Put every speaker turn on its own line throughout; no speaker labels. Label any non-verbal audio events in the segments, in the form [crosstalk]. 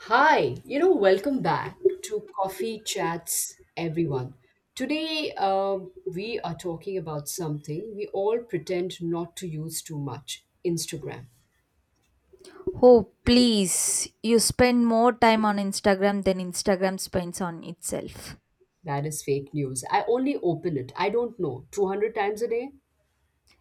Hi, welcome back to Coffee Chats, everyone. Today, we are talking about something we all pretend not to use too much, Instagram.
Oh, please. You spend more time on Instagram than Instagram spends on itself.
That is fake news. I only open it, I don't know, 200 times a day?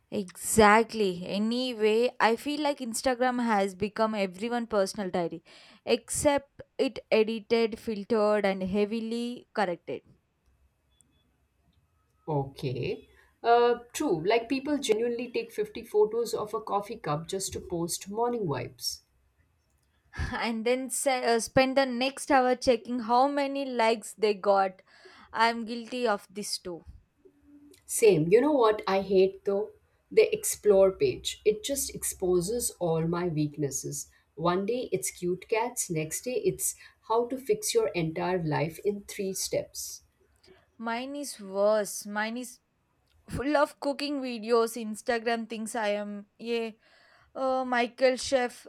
Exactly. Anyway, I feel like Instagram has become everyone personal diary, except it edited, filtered, and heavily corrected.
Okay. True, like people genuinely take 50 photos of a coffee cup just to post morning vibes.
[laughs] And then spend the next hour checking how many likes they got. I'm guilty of this too.
Same. You know what I hate though? The explore page. It just exposes all my weaknesses. One day it's cute cats, next day it's how to fix your entire life in three steps.
Mine is worse. Mine is full of cooking videos, Instagram thinks I am, yeah, a Michael chef,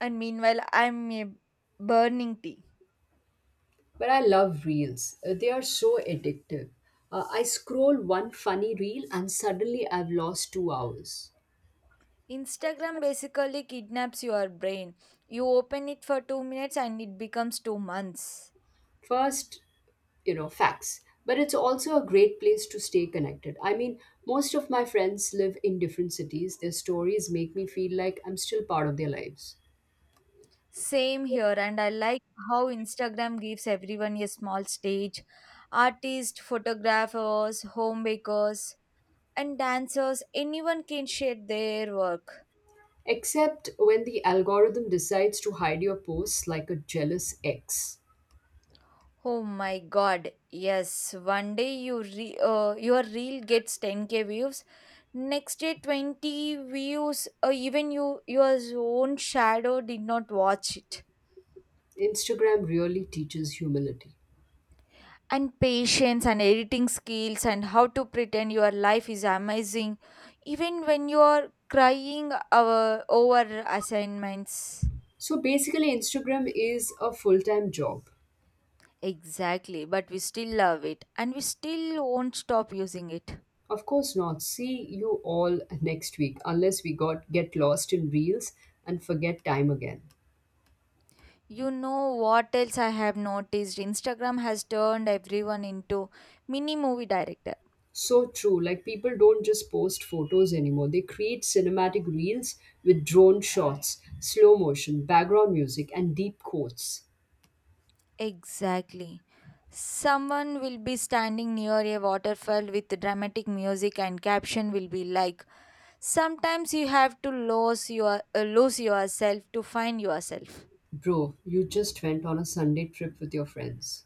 and meanwhile, I'm a burning tea.
But I love reels. They are so addictive. I scroll one funny reel and suddenly I've lost 2 hours.
Instagram basically kidnaps your brain. You open it for 2 minutes and it becomes 2 months.
First, you know, facts, but it's also a great place to stay connected. I mean, most of my friends live in different cities. Their stories make me feel like I'm still part of their lives,
Same here, and I like how Instagram gives everyone a small stage. Artists, photographers, home bakers, and dancers, anyone can share their work.
except when the algorithm decides to hide your posts like a jealous ex.
Oh my god, yes. One day you your reel gets 10K views, next day 20 views, or even your own shadow did not watch it.
Instagram really teaches humility.
And patience and editing skills and how to pretend your life is amazing, even when you are crying, over assignments.
So basically Instagram is a full-time job.
Exactly, but we still love it and we still won't stop using it.
Of course not. See you all next week, unless we got get lost in reels and forget time again.
You know what else I have noticed? Instagram has turned everyone into mini movie director.
So true. Like, people don't just post photos anymore. They create cinematic reels with drone shots, slow motion, background music, and deep quotes.
Exactly. Someone will be standing near a waterfall with dramatic music and caption will be like, "Sometimes you have to lose yourself to find yourself."
Bro, you just went on a Sunday trip with your friends.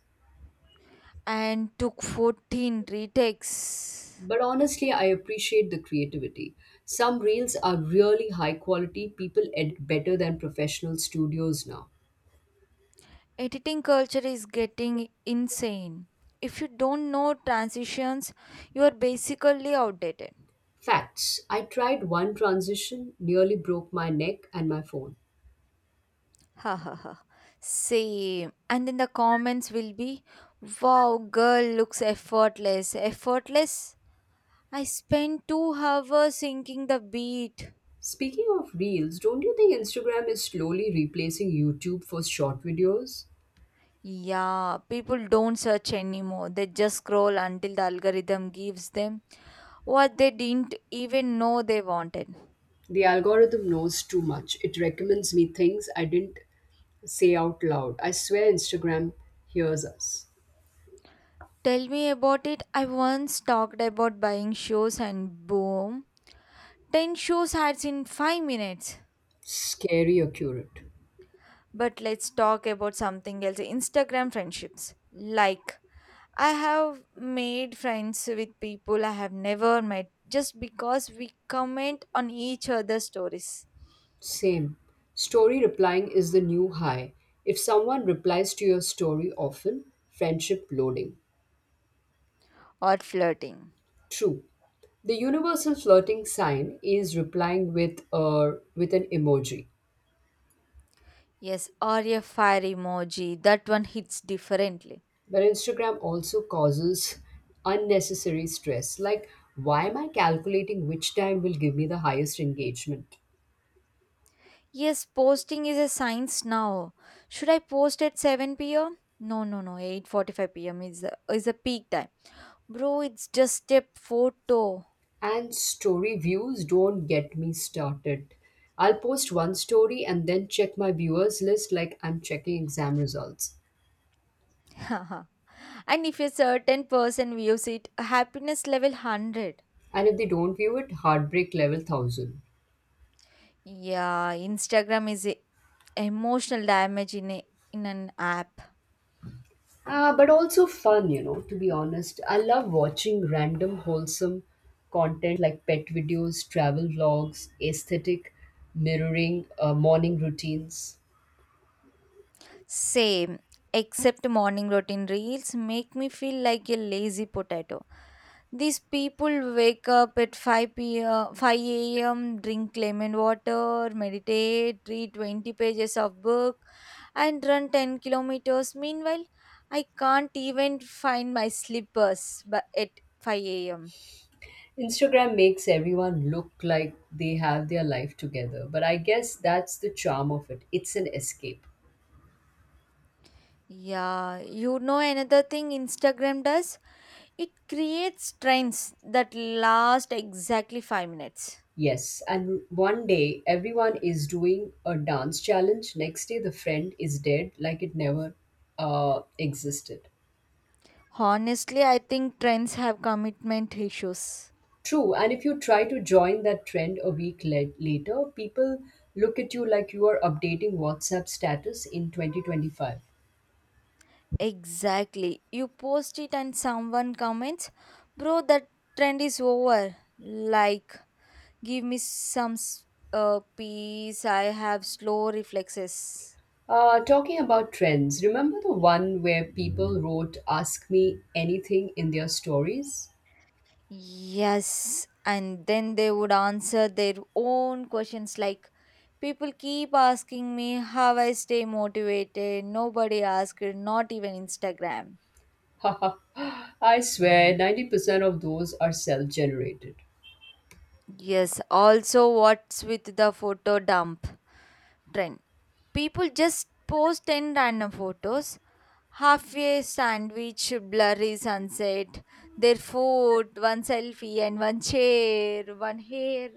And took 14 retakes.
But honestly, I appreciate the creativity. Some reels are really high quality. People edit better than professional studios now.
Editing culture is getting insane. If you don't know transitions, you are basically outdated.
Facts. I tried one transition, nearly broke my neck and my phone.
[laughs] Ha ha ha. Same. And then the comments will be, wow, girl looks effortless. Effortless? I spent 2 hours syncing the beat.
Speaking of reels, don't you think Instagram is slowly replacing YouTube for short videos?
Yeah, people don't search anymore. They just scroll until the algorithm gives them what they didn't even know they wanted.
The algorithm knows too much. It recommends me things I didn't say out loud. I swear Instagram hears us.
Tell me about it. I once talked about buying shoes and boom, 10 shoes ads in 5 minutes.
Scary accurate.
But let's talk about something else, Instagram friendships. Like, I have made friends with people I have never met just because we comment on each other's stories,
Same. Story replying is the new high. If someone replies to your story often, friendship loading.
or flirting.
True. The universal flirting sign is replying with a with an emoji.
Yes, or a fire emoji. That one hits differently.
But Instagram also causes unnecessary stress. Like, why am I calculating which time will give me the highest engagement?
Yes, posting is a science now. Should I post at 7 p.m.? No, no, no. 8:45 p.m. is a peak time. Bro, it's just a photo.
And story views, don't get me started. I'll post one story and then check my viewers list like I'm checking exam results.
[laughs] And if a certain person views it, happiness level 100.
And if they don't view it, heartbreak level 1000.
Yeah, Instagram is a emotional damage in an app.
But also fun, you know, to be honest. I love watching random wholesome content like pet videos, travel vlogs, aesthetic mirroring, morning routines.
Same, except morning routine reels make me feel like a lazy potato. These people wake up at 5 p.m., 5 a.m., drink lemon water, meditate, read 20 pages of book, and run 10 kilometers. Meanwhile, I can't even find my slippers but at 5 a.m.
Instagram makes everyone look like they have their life together, but I guess that's the charm of it. It's an escape.
Yeah, you know another thing Instagram does? It creates trends that last exactly 5 minutes.
Yes, and one day everyone is doing a dance challenge, next day the friend is dead like it never existed.
Honestly, I think trends have commitment issues.
True, and if you try to join that trend a week later, people look at you like you are updating WhatsApp status in 2025.
Exactly. You post it and someone comments, bro, that trend is over. Like, give me some peace. I have slow reflexes.
Talking about trends, remember the one where people wrote Ask Me Anything in their stories?
Yes. And then they would answer their own questions like, people keep asking me how I stay motivated. Nobody asked, not even Instagram.
[laughs] I swear 90% of those are self generated.
Yes, also what's with the photo dump trend? People just post 10 random photos, halfway sandwich, blurry sunset, their food, one selfie and one chair, one hair,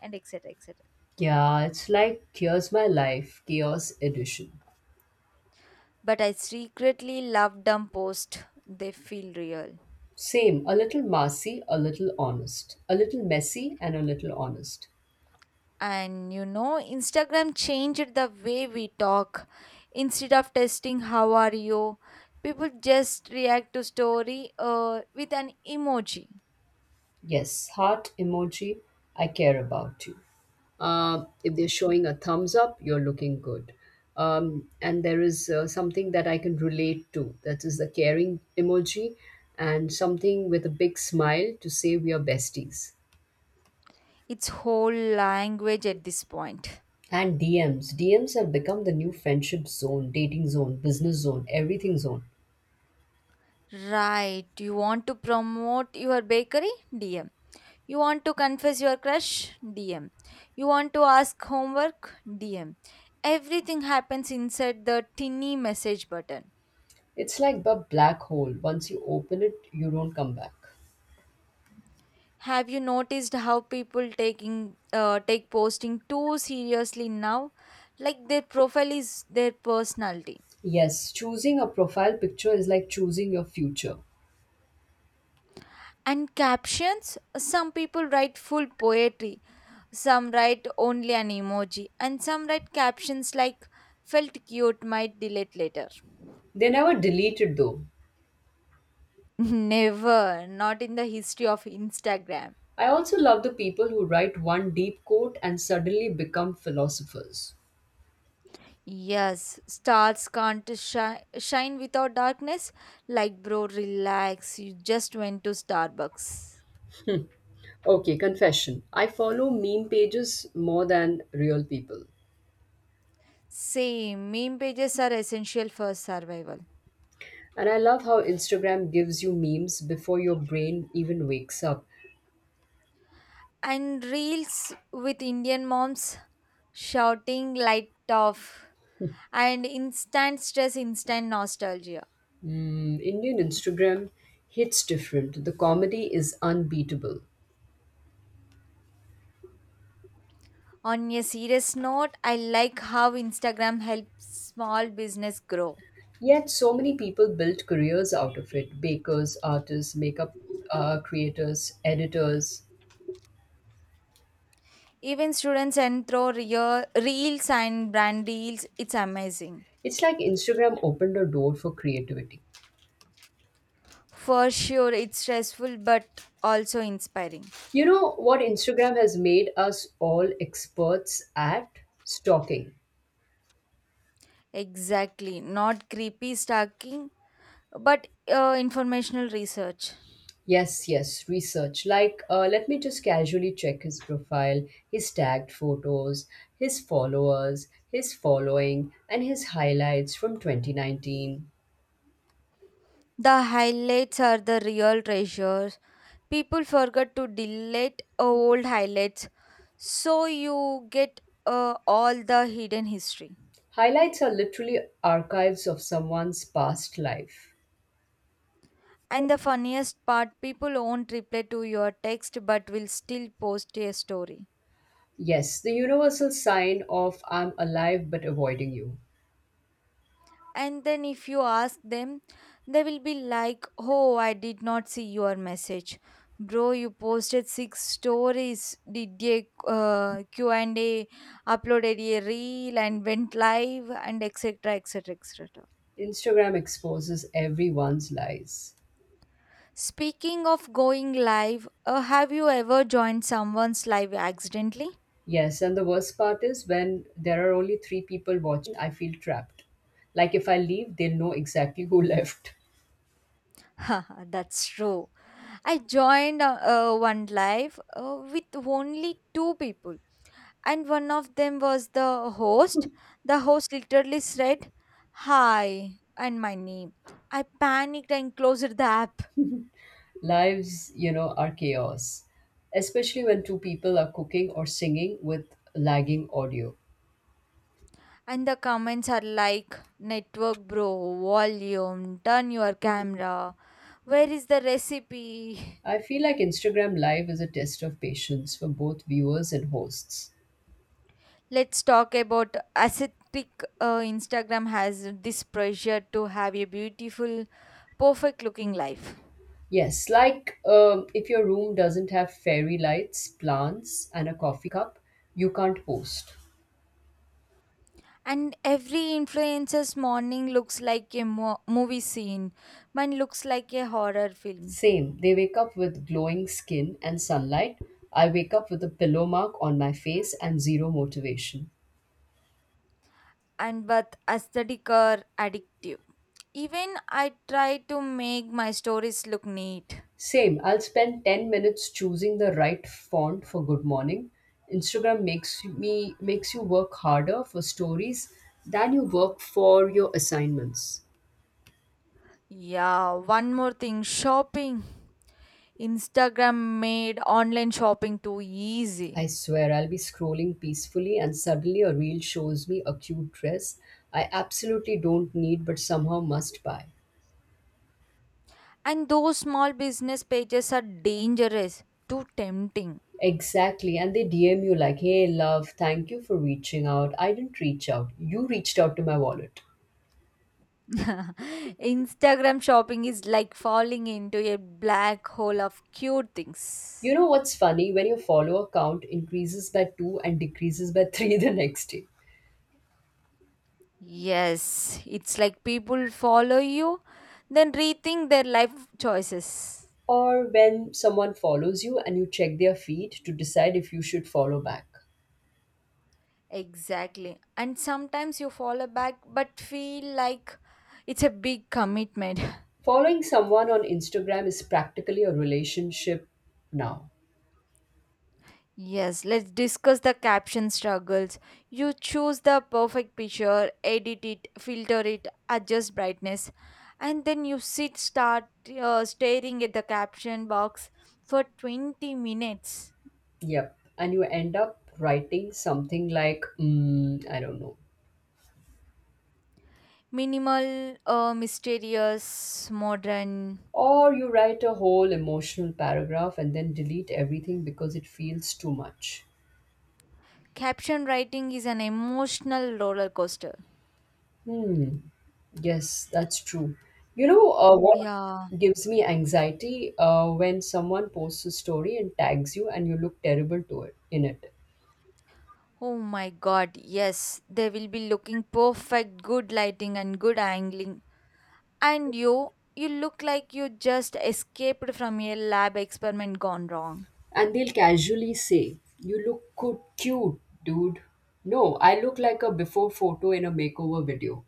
and etc. etc.
Yeah, it's like Here's My Life, Chaos Edition.
But I secretly love dumb post. They feel real.
Same, a little messy, a little honest, a little messy, and a little honest.
And you know, Instagram changed the way we talk. Instead of testing how are you, people just react to story with an emoji.
Yes, heart emoji, I care about you. If they're showing a thumbs up, you're looking good. And there is something that I can relate to, that is the caring emoji, and something with a big smile to say we are besties.
It's whole language at this point.
And DMs. DMs have become the new friendship zone, dating zone, business zone, everything zone.
Right, you want to promote your bakery? DM. You want to confess your crush? DM. You want to ask homework? DM. Everything happens inside the tinny message button.
It's like a black hole. Once you open it, you don't come back.
Have you noticed how people taking take posting too seriously now? Like their profile is their personality.
Yes, choosing a profile picture is like choosing your future.
And captions, some people write full poetry, some write only an emoji, and some write captions like felt cute might delete later.
They never deleted though.
[laughs] Never, not in the history of Instagram.
I also love the people who write one deep quote and suddenly become philosophers.
Yes, stars can't shine without darkness. Like, bro, relax. You just went to Starbucks.
Okay, confession. I follow meme pages more than real people.
Same, meme pages are essential for survival.
And I love how Instagram gives you memes before your brain even wakes up.
And reels with Indian moms shouting light off and instant stress, instant nostalgia.
Mm, Indian Instagram hits different. The comedy is unbeatable.
On a serious note, I like how Instagram helps small business grow.
Yet, so many people built careers out of it, bakers, artists, makeup creators, editors.
Even students and throw real reels and brand deals, it's amazing.
It's like Instagram opened a door for creativity.
For sure, it's stressful but also inspiring.
You know what Instagram has made us all experts at? Stalking.
Exactly, not creepy stalking, but informational research.
Yes, yes, research. Like, let me just casually check his profile, his tagged photos, his followers, his following, and his highlights from 2019.
The highlights are the real treasures. People forget to delete old highlights, so you get all the hidden history.
Highlights are literally archives of someone's past life.
And the funniest part, people won't reply to your text but will still post a story.
Yes, the universal sign of I'm alive but avoiding you.
And then if you ask them, they will be like, oh, I did not see your message. Bro, you posted six stories, did a Q&A, uploaded a reel and went live, and etc etc etc.
Instagram exposes everyone's lies.
Speaking of going live, have you ever joined someone's live accidentally?
Yes, and the worst part is when there are only three people watching, I feel trapped. Like, if I leave, they'll know exactly who [laughs] left.
[laughs] That's true. I joined, one live with only two people, and one of them was the host. The host literally said, hi, and my name. I panicked and closed the app.
Lives, you know, are chaos, especially when two people are cooking or singing with lagging audio.
And the comments are like, network bro, volume, turn your camera. Where is the recipe?
I feel like Instagram Live is a test of patience for both viewers and hosts.
Let's talk about aesthetic. Instagram has this pressure to have a beautiful, perfect looking life.
Yes, like, if your room doesn't have fairy lights, plants, and a coffee cup, you can't post.
And every influencer's morning looks like a movie scene. Mine looks like a horror film.
Same. They wake up with glowing skin and sunlight. I wake up with a pillow mark on my face and zero motivation.
And but aesthetic or addictive. Even I try to make my stories look neat.
Same. I'll spend 10 minutes choosing the right font for good morning. Instagram makes me makes you work harder for stories than you work for your assignments.
Yeah, one more thing, shopping. Instagram made online shopping too
I
easy.
swear I'll be scrolling peacefully and suddenly a reel shows me a cute dress I absolutely don't need but somehow must buy.
And those small business pages are dangerous, too tempting.
Exactly. And they DM you like, hey, love, thank you for reaching out. I didn't reach out. You reached out to my wallet.
[laughs] Instagram shopping is like falling into a black hole of cute
You
things.
know what's funny? When your follower count increases by two and decreases by [laughs] three the next day.
Yes, it's like people follow you, then rethink their life choices.
Or when someone follows you and you check their feed to decide if you should follow back.
Exactly. And sometimes you follow back but feel like it's a big commitment. [laughs]
Following someone on Instagram is practically a relationship now.
Yes, let's discuss the caption struggles. You choose the perfect picture, edit it, filter it, adjust brightness, and then you sit start staring at the caption box for 20 minutes.
Yep. And you end up writing something like, mm, I don't know.
Minimal, mysterious, modern.
Or you write a whole emotional paragraph and then delete everything because it feels too much.
Caption writing is an emotional roller coaster.
Hmm. Yes, that's true. You know, what
Yeah.
gives me anxiety, when someone posts a story and tags you and you look terrible to it in it,
Oh my god, yes. They will be looking perfect, good lighting and good angling. And you look like you just escaped from a lab experiment gone wrong.
and they'll casually say, "You look good, cute, dude." No, I look like a before photo in a makeover video.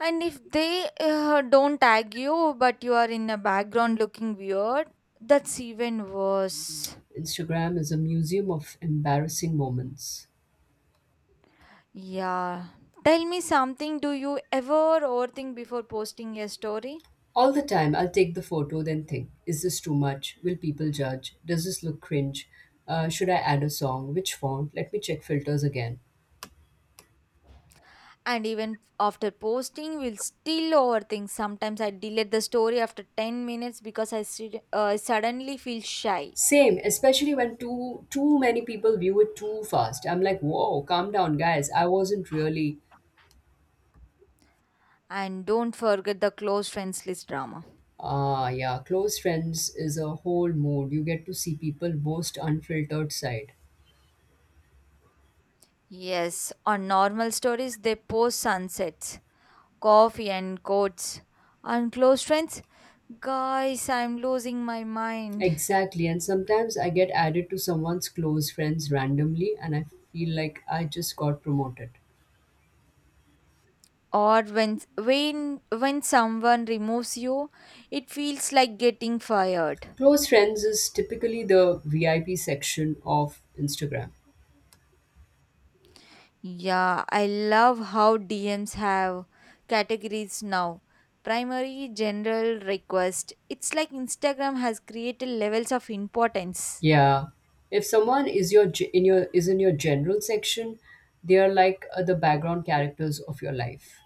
And if they don't tag you, but you are in a background looking weird, that's even worse.
Instagram is a museum of embarrassing moments.
Yeah. Tell me something. Do you ever overthink before posting a story?
All the time. I'll take the photo, then think, is this too much? Will people judge? Does this look cringe? Should I add a song? Which font? Let me check filters again.
And even after posting, we'll still overthink. Sometimes I delete the story after 10 minutes because I suddenly feel shy.
Same, especially when too many people view it too fast. I'm like, whoa, calm down, guys. I wasn't really.
And don't forget the close friends list drama.
Ah, yeah, close friends is a whole mood. You get to see people most unfiltered side.
Yes, on normal stories, they post sunsets, coffee and quotes. On close friends, guys, I'm losing my mind.
Exactly, and sometimes I get added to someone's close friends randomly, and I feel like I just got promoted.
Or when someone removes you, it feels like getting fired.
Close friends is typically the VIP section of Instagram.
Yeah, I love how DMs have categories now. Primary, general, request. It's like Instagram has created levels of importance.
Yeah. If someone is your ge- in your is in your general section, they are like the background characters of your life.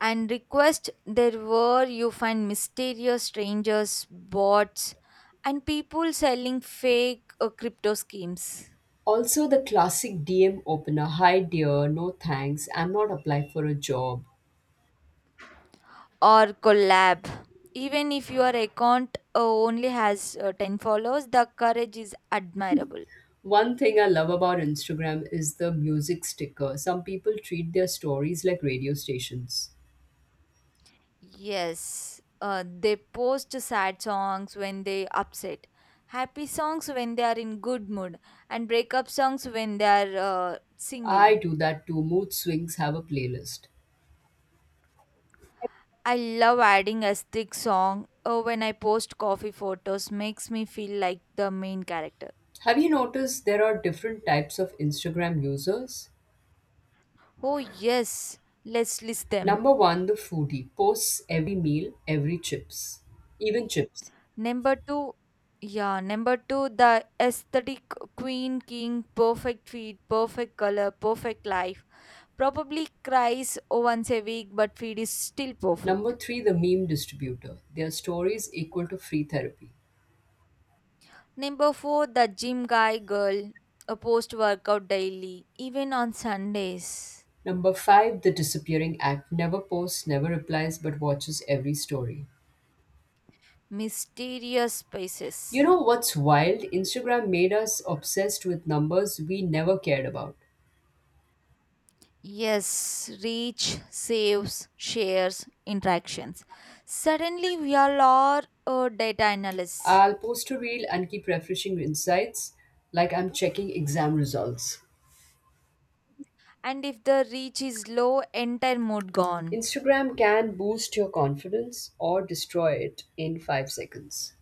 And request, there were you find mysterious strangers, bots, and people selling fake crypto schemes.
Also the classic DM opener, hi dear, no thanks, I'm not applying for a job.
Or collab, even if your account only has 10 followers, the courage is admirable.
One thing I love about Instagram is the music sticker. Some people treat their stories like radio stations.
Yes, they post sad songs when they upset, happy songs when they are in good mood, and breakup songs when they are single.
I do that too. Mood swings have a playlist.
I love adding a stick song when I post coffee photos, makes me feel like the main character.
Have you noticed there are different types of Instagram users?
Oh yes, let's list them.
Number one, the foodie, posts every meal, every chips, even chips.
Number 2, yeah, number 2, the aesthetic queen king, perfect feed, perfect color, perfect life. Probably cries once a week but feed is still
Number
perfect.
three, the meme distributor. Their stories equal to free therapy.
Number 4, the gym guy girl, a post workout daily even on Sundays.
Number five, the disappearing act. Never posts, never replies, but watches every story.
Mysterious
You
spaces.
know what's wild? Instagram made us obsessed with numbers we never cared about.
Yes, reach, saves, shares, interactions. Suddenly, we all are data analysts.
I'll post a reel and keep refreshing insights like I'm checking exam results.
And if the reach is low, entire mood gone.
Instagram can boost your confidence or destroy it in 5 seconds.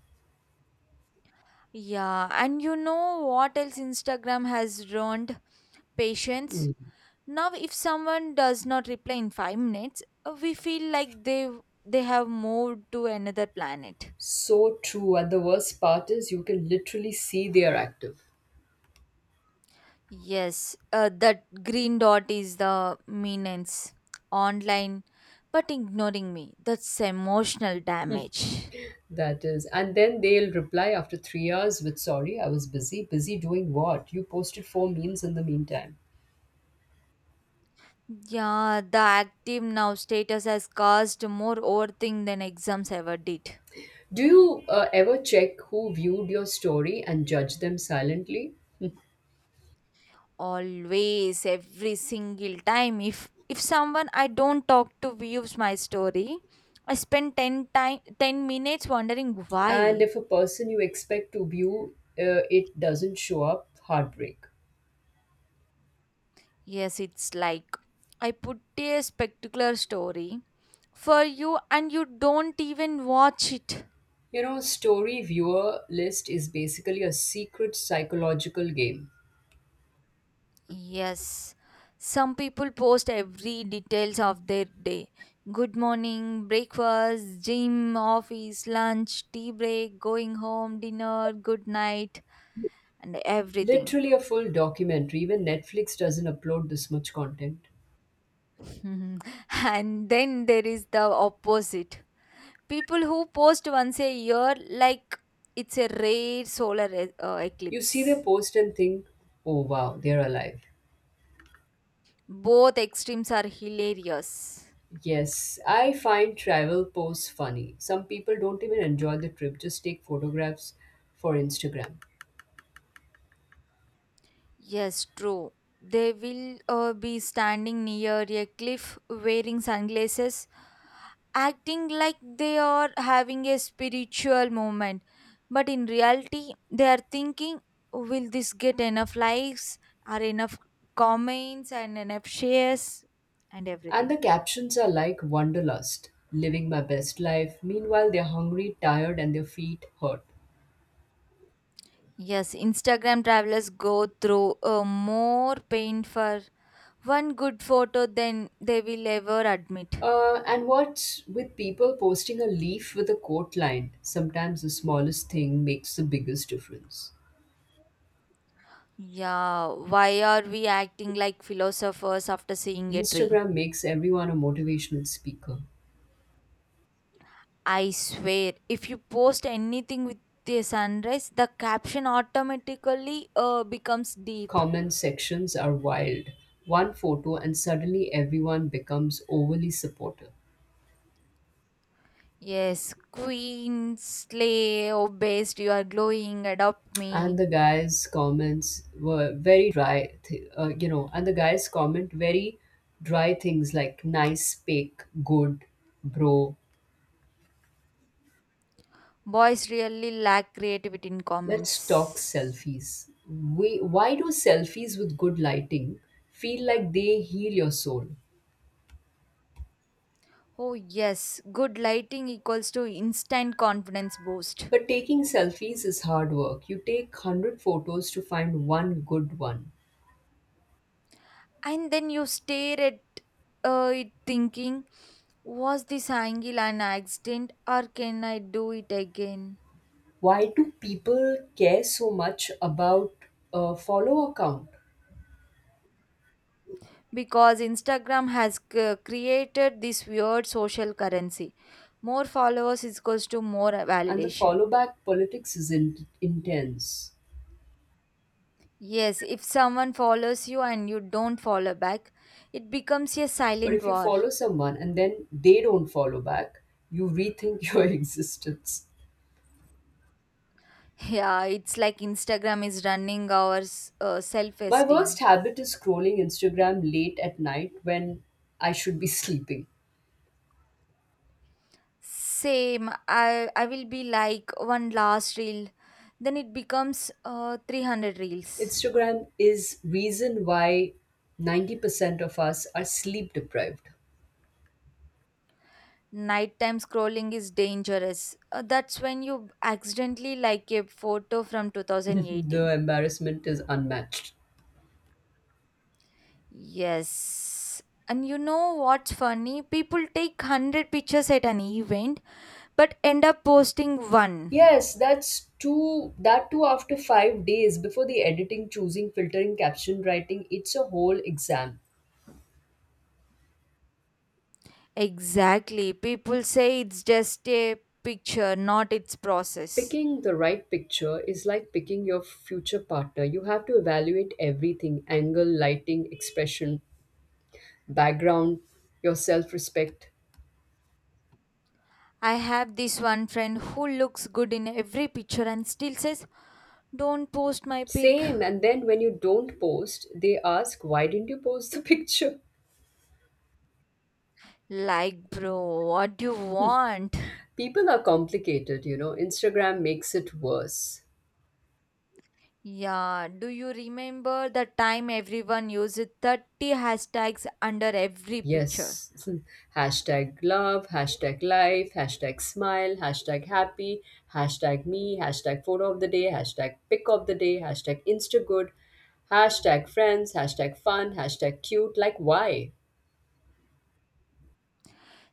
Yeah, and you know what else Instagram has ruined? Patience.
Mm.
Now, if someone does not reply in 5 minutes, we feel like they have moved to another planet.
So true. And the worst part is you can literally see they are active.
Yes, that green dot is the menace online, but ignoring me. That's emotional damage.
That is, and then they'll reply after 3 hours with sorry, I was busy. Busy doing what? You posted four memes in the meantime.
Yeah, the active now status has caused more overthink than exams ever did.
Do you ever check who viewed your story and judge them silently?
Always, every single time, if someone I don't talk to views my story, I spend 10 minutes wondering
And
why.
if a person you expect to view it doesn't show up, heartbreak.
Yes, it's like I put a spectacular story for you and you don't even watch it.
You know, story viewer list is basically a secret psychological game.
Yes. Some people post every details of their day. Good morning, breakfast, gym, office, lunch, tea break, going home, dinner, good night, and everything.
Literally a full documentary, even Netflix doesn't upload this much content.
[laughs] Mhm. And then there is the opposite. People who post once a year like it's a rare solar
You see their
eclipse.
post and think, oh wow, they're alive.
Both extremes are hilarious.
Yes, I find travel posts funny. Some people don't even enjoy the trip, just take photographs for Instagram.
Yes, true. They will be standing near a cliff wearing sunglasses, acting like they are having a spiritual moment. But in reality, they are thinking, will this get enough likes, or enough comments, and enough shares, and
And
everything?
the captions are like Wanderlust, living my best life. Meanwhile, they're hungry, tired, and their feet hurt.
Yes, Instagram travelers go through more pain for one good photo than they will ever admit.
And what's with people posting a leaf with a quote line? Sometimes the smallest thing makes the biggest difference.
Yeah, why are we acting like philosophers after seeing a tree?
Instagram makes everyone a motivational speaker.
I swear, if you post anything with the sunrise, the caption automatically becomes deep.
Comment sections are wild. One photo, and suddenly everyone becomes overly supportive.
Yes, queen, slay, oh best, you are glowing, adopt
And
me.
the guy's comments were very dry. You know, and the guy's comment very dry things like nice, fake, good, bro.
Boys really lack creativity in
Let's talk
comments.
selfies. Why do selfies with good lighting feel like they heal your soul?
Oh yes, good lighting equals to instant confidence boost.
But taking selfies is hard work. You take 100 photos to find one good one.
And then you stare at it thinking, was this angle an accident or can I do it again?
Why do people care so much about a follow account?
Because Instagram has created this weird social currency, more followers is equals to more
And the
validation.
follow back politics is intense.
Yes, if someone follows you and you don't follow back, it becomes a
But
silent
if you
war.
follow someone and then they don't follow back, you rethink [laughs] your existence.
[laughs] Yeah, it's like Instagram is running our
My worst
self-esteem.
habit is scrolling Instagram late at night when I should be sleeping.
Same. I will be like one last reel, then it becomes 300 reels.
Instagram is reason why 90% of us are sleep deprived.
Nighttime scrolling is dangerous. That's when you accidentally like a photo from
[laughs] The
2018.
embarrassment is unmatched.
Yes. And you know what's funny? People take 100 pictures at an event but end up posting one.
Yes, that's two that too after 5 days, before the editing, choosing, filtering, caption writing, it's a whole exam.
Exactly. People say it's just a picture, not its process.
Picking the right picture is like picking your future partner. You have to evaluate everything, angle, lighting, expression, background, your self respect.
I have this one friend who looks good in every picture and still says, don't post my pic.
Same. And then when you don't post, they ask, why didn't you post the [laughs] picture?
Like, bro, what do you want?
People are complicated, you know. Instagram makes it worse.
Yeah, do you remember the time everyone used 30 hashtags under every picture?
Yes. [laughs] Hashtag love, hashtag life, hashtag smile, hashtag happy, hashtag me, hashtag photo of the day, hashtag pick of the day, hashtag instagood, hashtag friends, hashtag fun, hashtag cute. Like, why?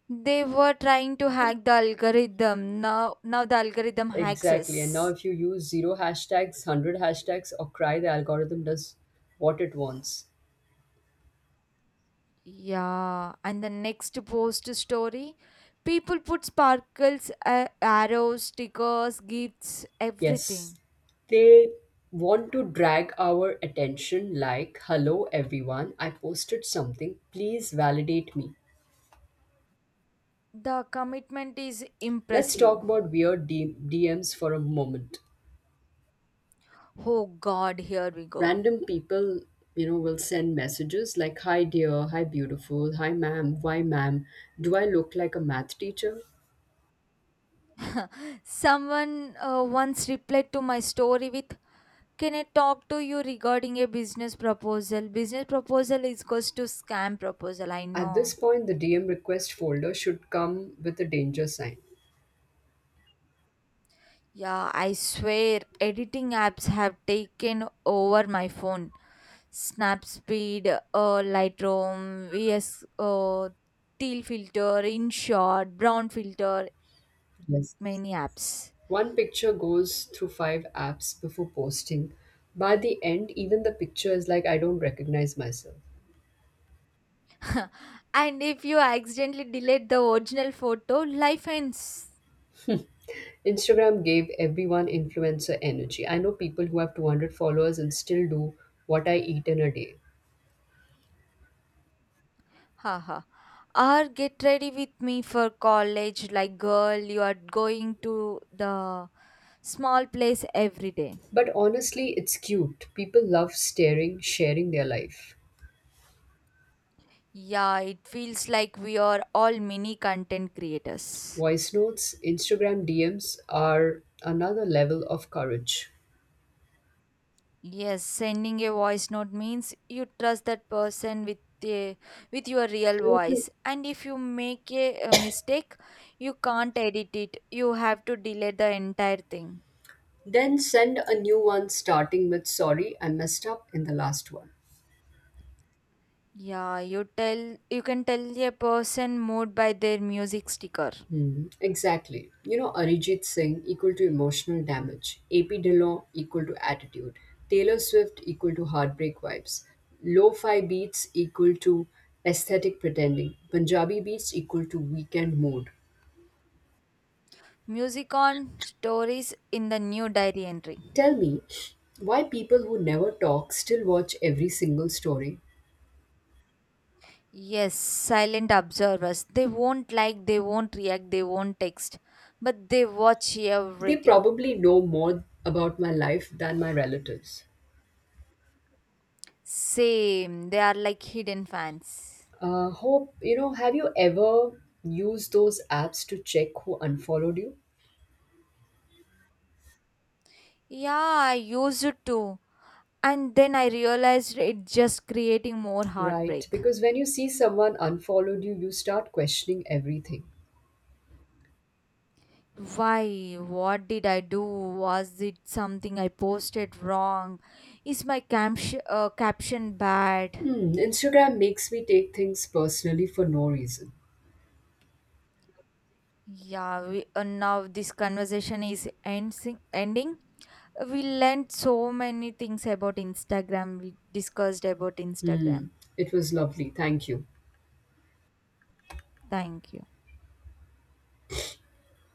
They were trying to hack the algorithm. Now the algorithm hacks
Exactly. And now
us.
if you use zero hashtags, 100 hashtags, or cry, the algorithm does what it wants.
Yeah, and the next post story, people put sparkles, arrows, stickers, gifts,
Yes.
everything.
They want to drag our attention like, hello everyone, I posted something. Please validate me.
The commitment is
Let's
impressive.
talk about weird DMs for a moment.
Oh God, here we go.
Random people, you know, will send messages like, hi dear, hi beautiful, hi ma'am, why ma'am, do I look like a math teacher?
Someone once replied to my story with, "Can I talk to you regarding a business proposal?" Business proposal is goes to scam proposal. I
At this
know.
point, the DM request folder should come with a danger sign.
Yeah, I swear editing apps have taken over my phone. Snapseed, Lightroom, VS, teal filter, InShot, brown filter,
Yes.
many apps.
One picture goes through five apps before posting. By the end, even the picture is like, I don't recognize myself.
And if you accidentally delete the original photo, life ends.
Instagram gave everyone influencer energy. I know people who have 200 followers and still do what I eat in a day.
Haha. Or get ready with me for college, like girl, you are going to the small place every day.
But honestly, it's cute. People love staring, sharing their life.
Yeah, it feels like we are all mini content creators.
Voice notes, Instagram DMs are another level of courage.
Yes, sending a voice note means you trust that person a, with your real voice. And if you make a mistake, you can't edit it. You have to delete the entire thing.
Then send a new one starting with sorry, I messed up in the last one.
Yeah, you tell you can tell a person mood by their music sticker.
Hmm, exactly. You know, Arijit Singh equal to emotional damage, AP Dillon equal to attitude, Taylor Swift equal to heartbreak vibes, lo fi beats equal to aesthetic pretending, Punjabi beats equal to weekend mood.
Music on stories in the new diary entry.
Tell me why people who never talk still watch every single story.
Yes, silent observers. They won't like, they won't react, they won't text, but they watch
They
everything.
probably know more about my life than my relatives.
Same, they are like hidden fans.
Hope, you know, have you ever used those apps to check who unfollowed you?
Yeah, I used it too. And then I realized it just creating more
Right,
heartbreak.
because when you see someone unfollowed you, you start questioning everything.
Why? What did I do? Was it something I posted wrong? Is my caption bad?
Hmm, Instagram makes me take things personally for no reason.
Yeah, now this conversation is ending. We learned so many things about Instagram. We discussed about
Hmm,
Instagram.
it was lovely. Thank you.
Thank you.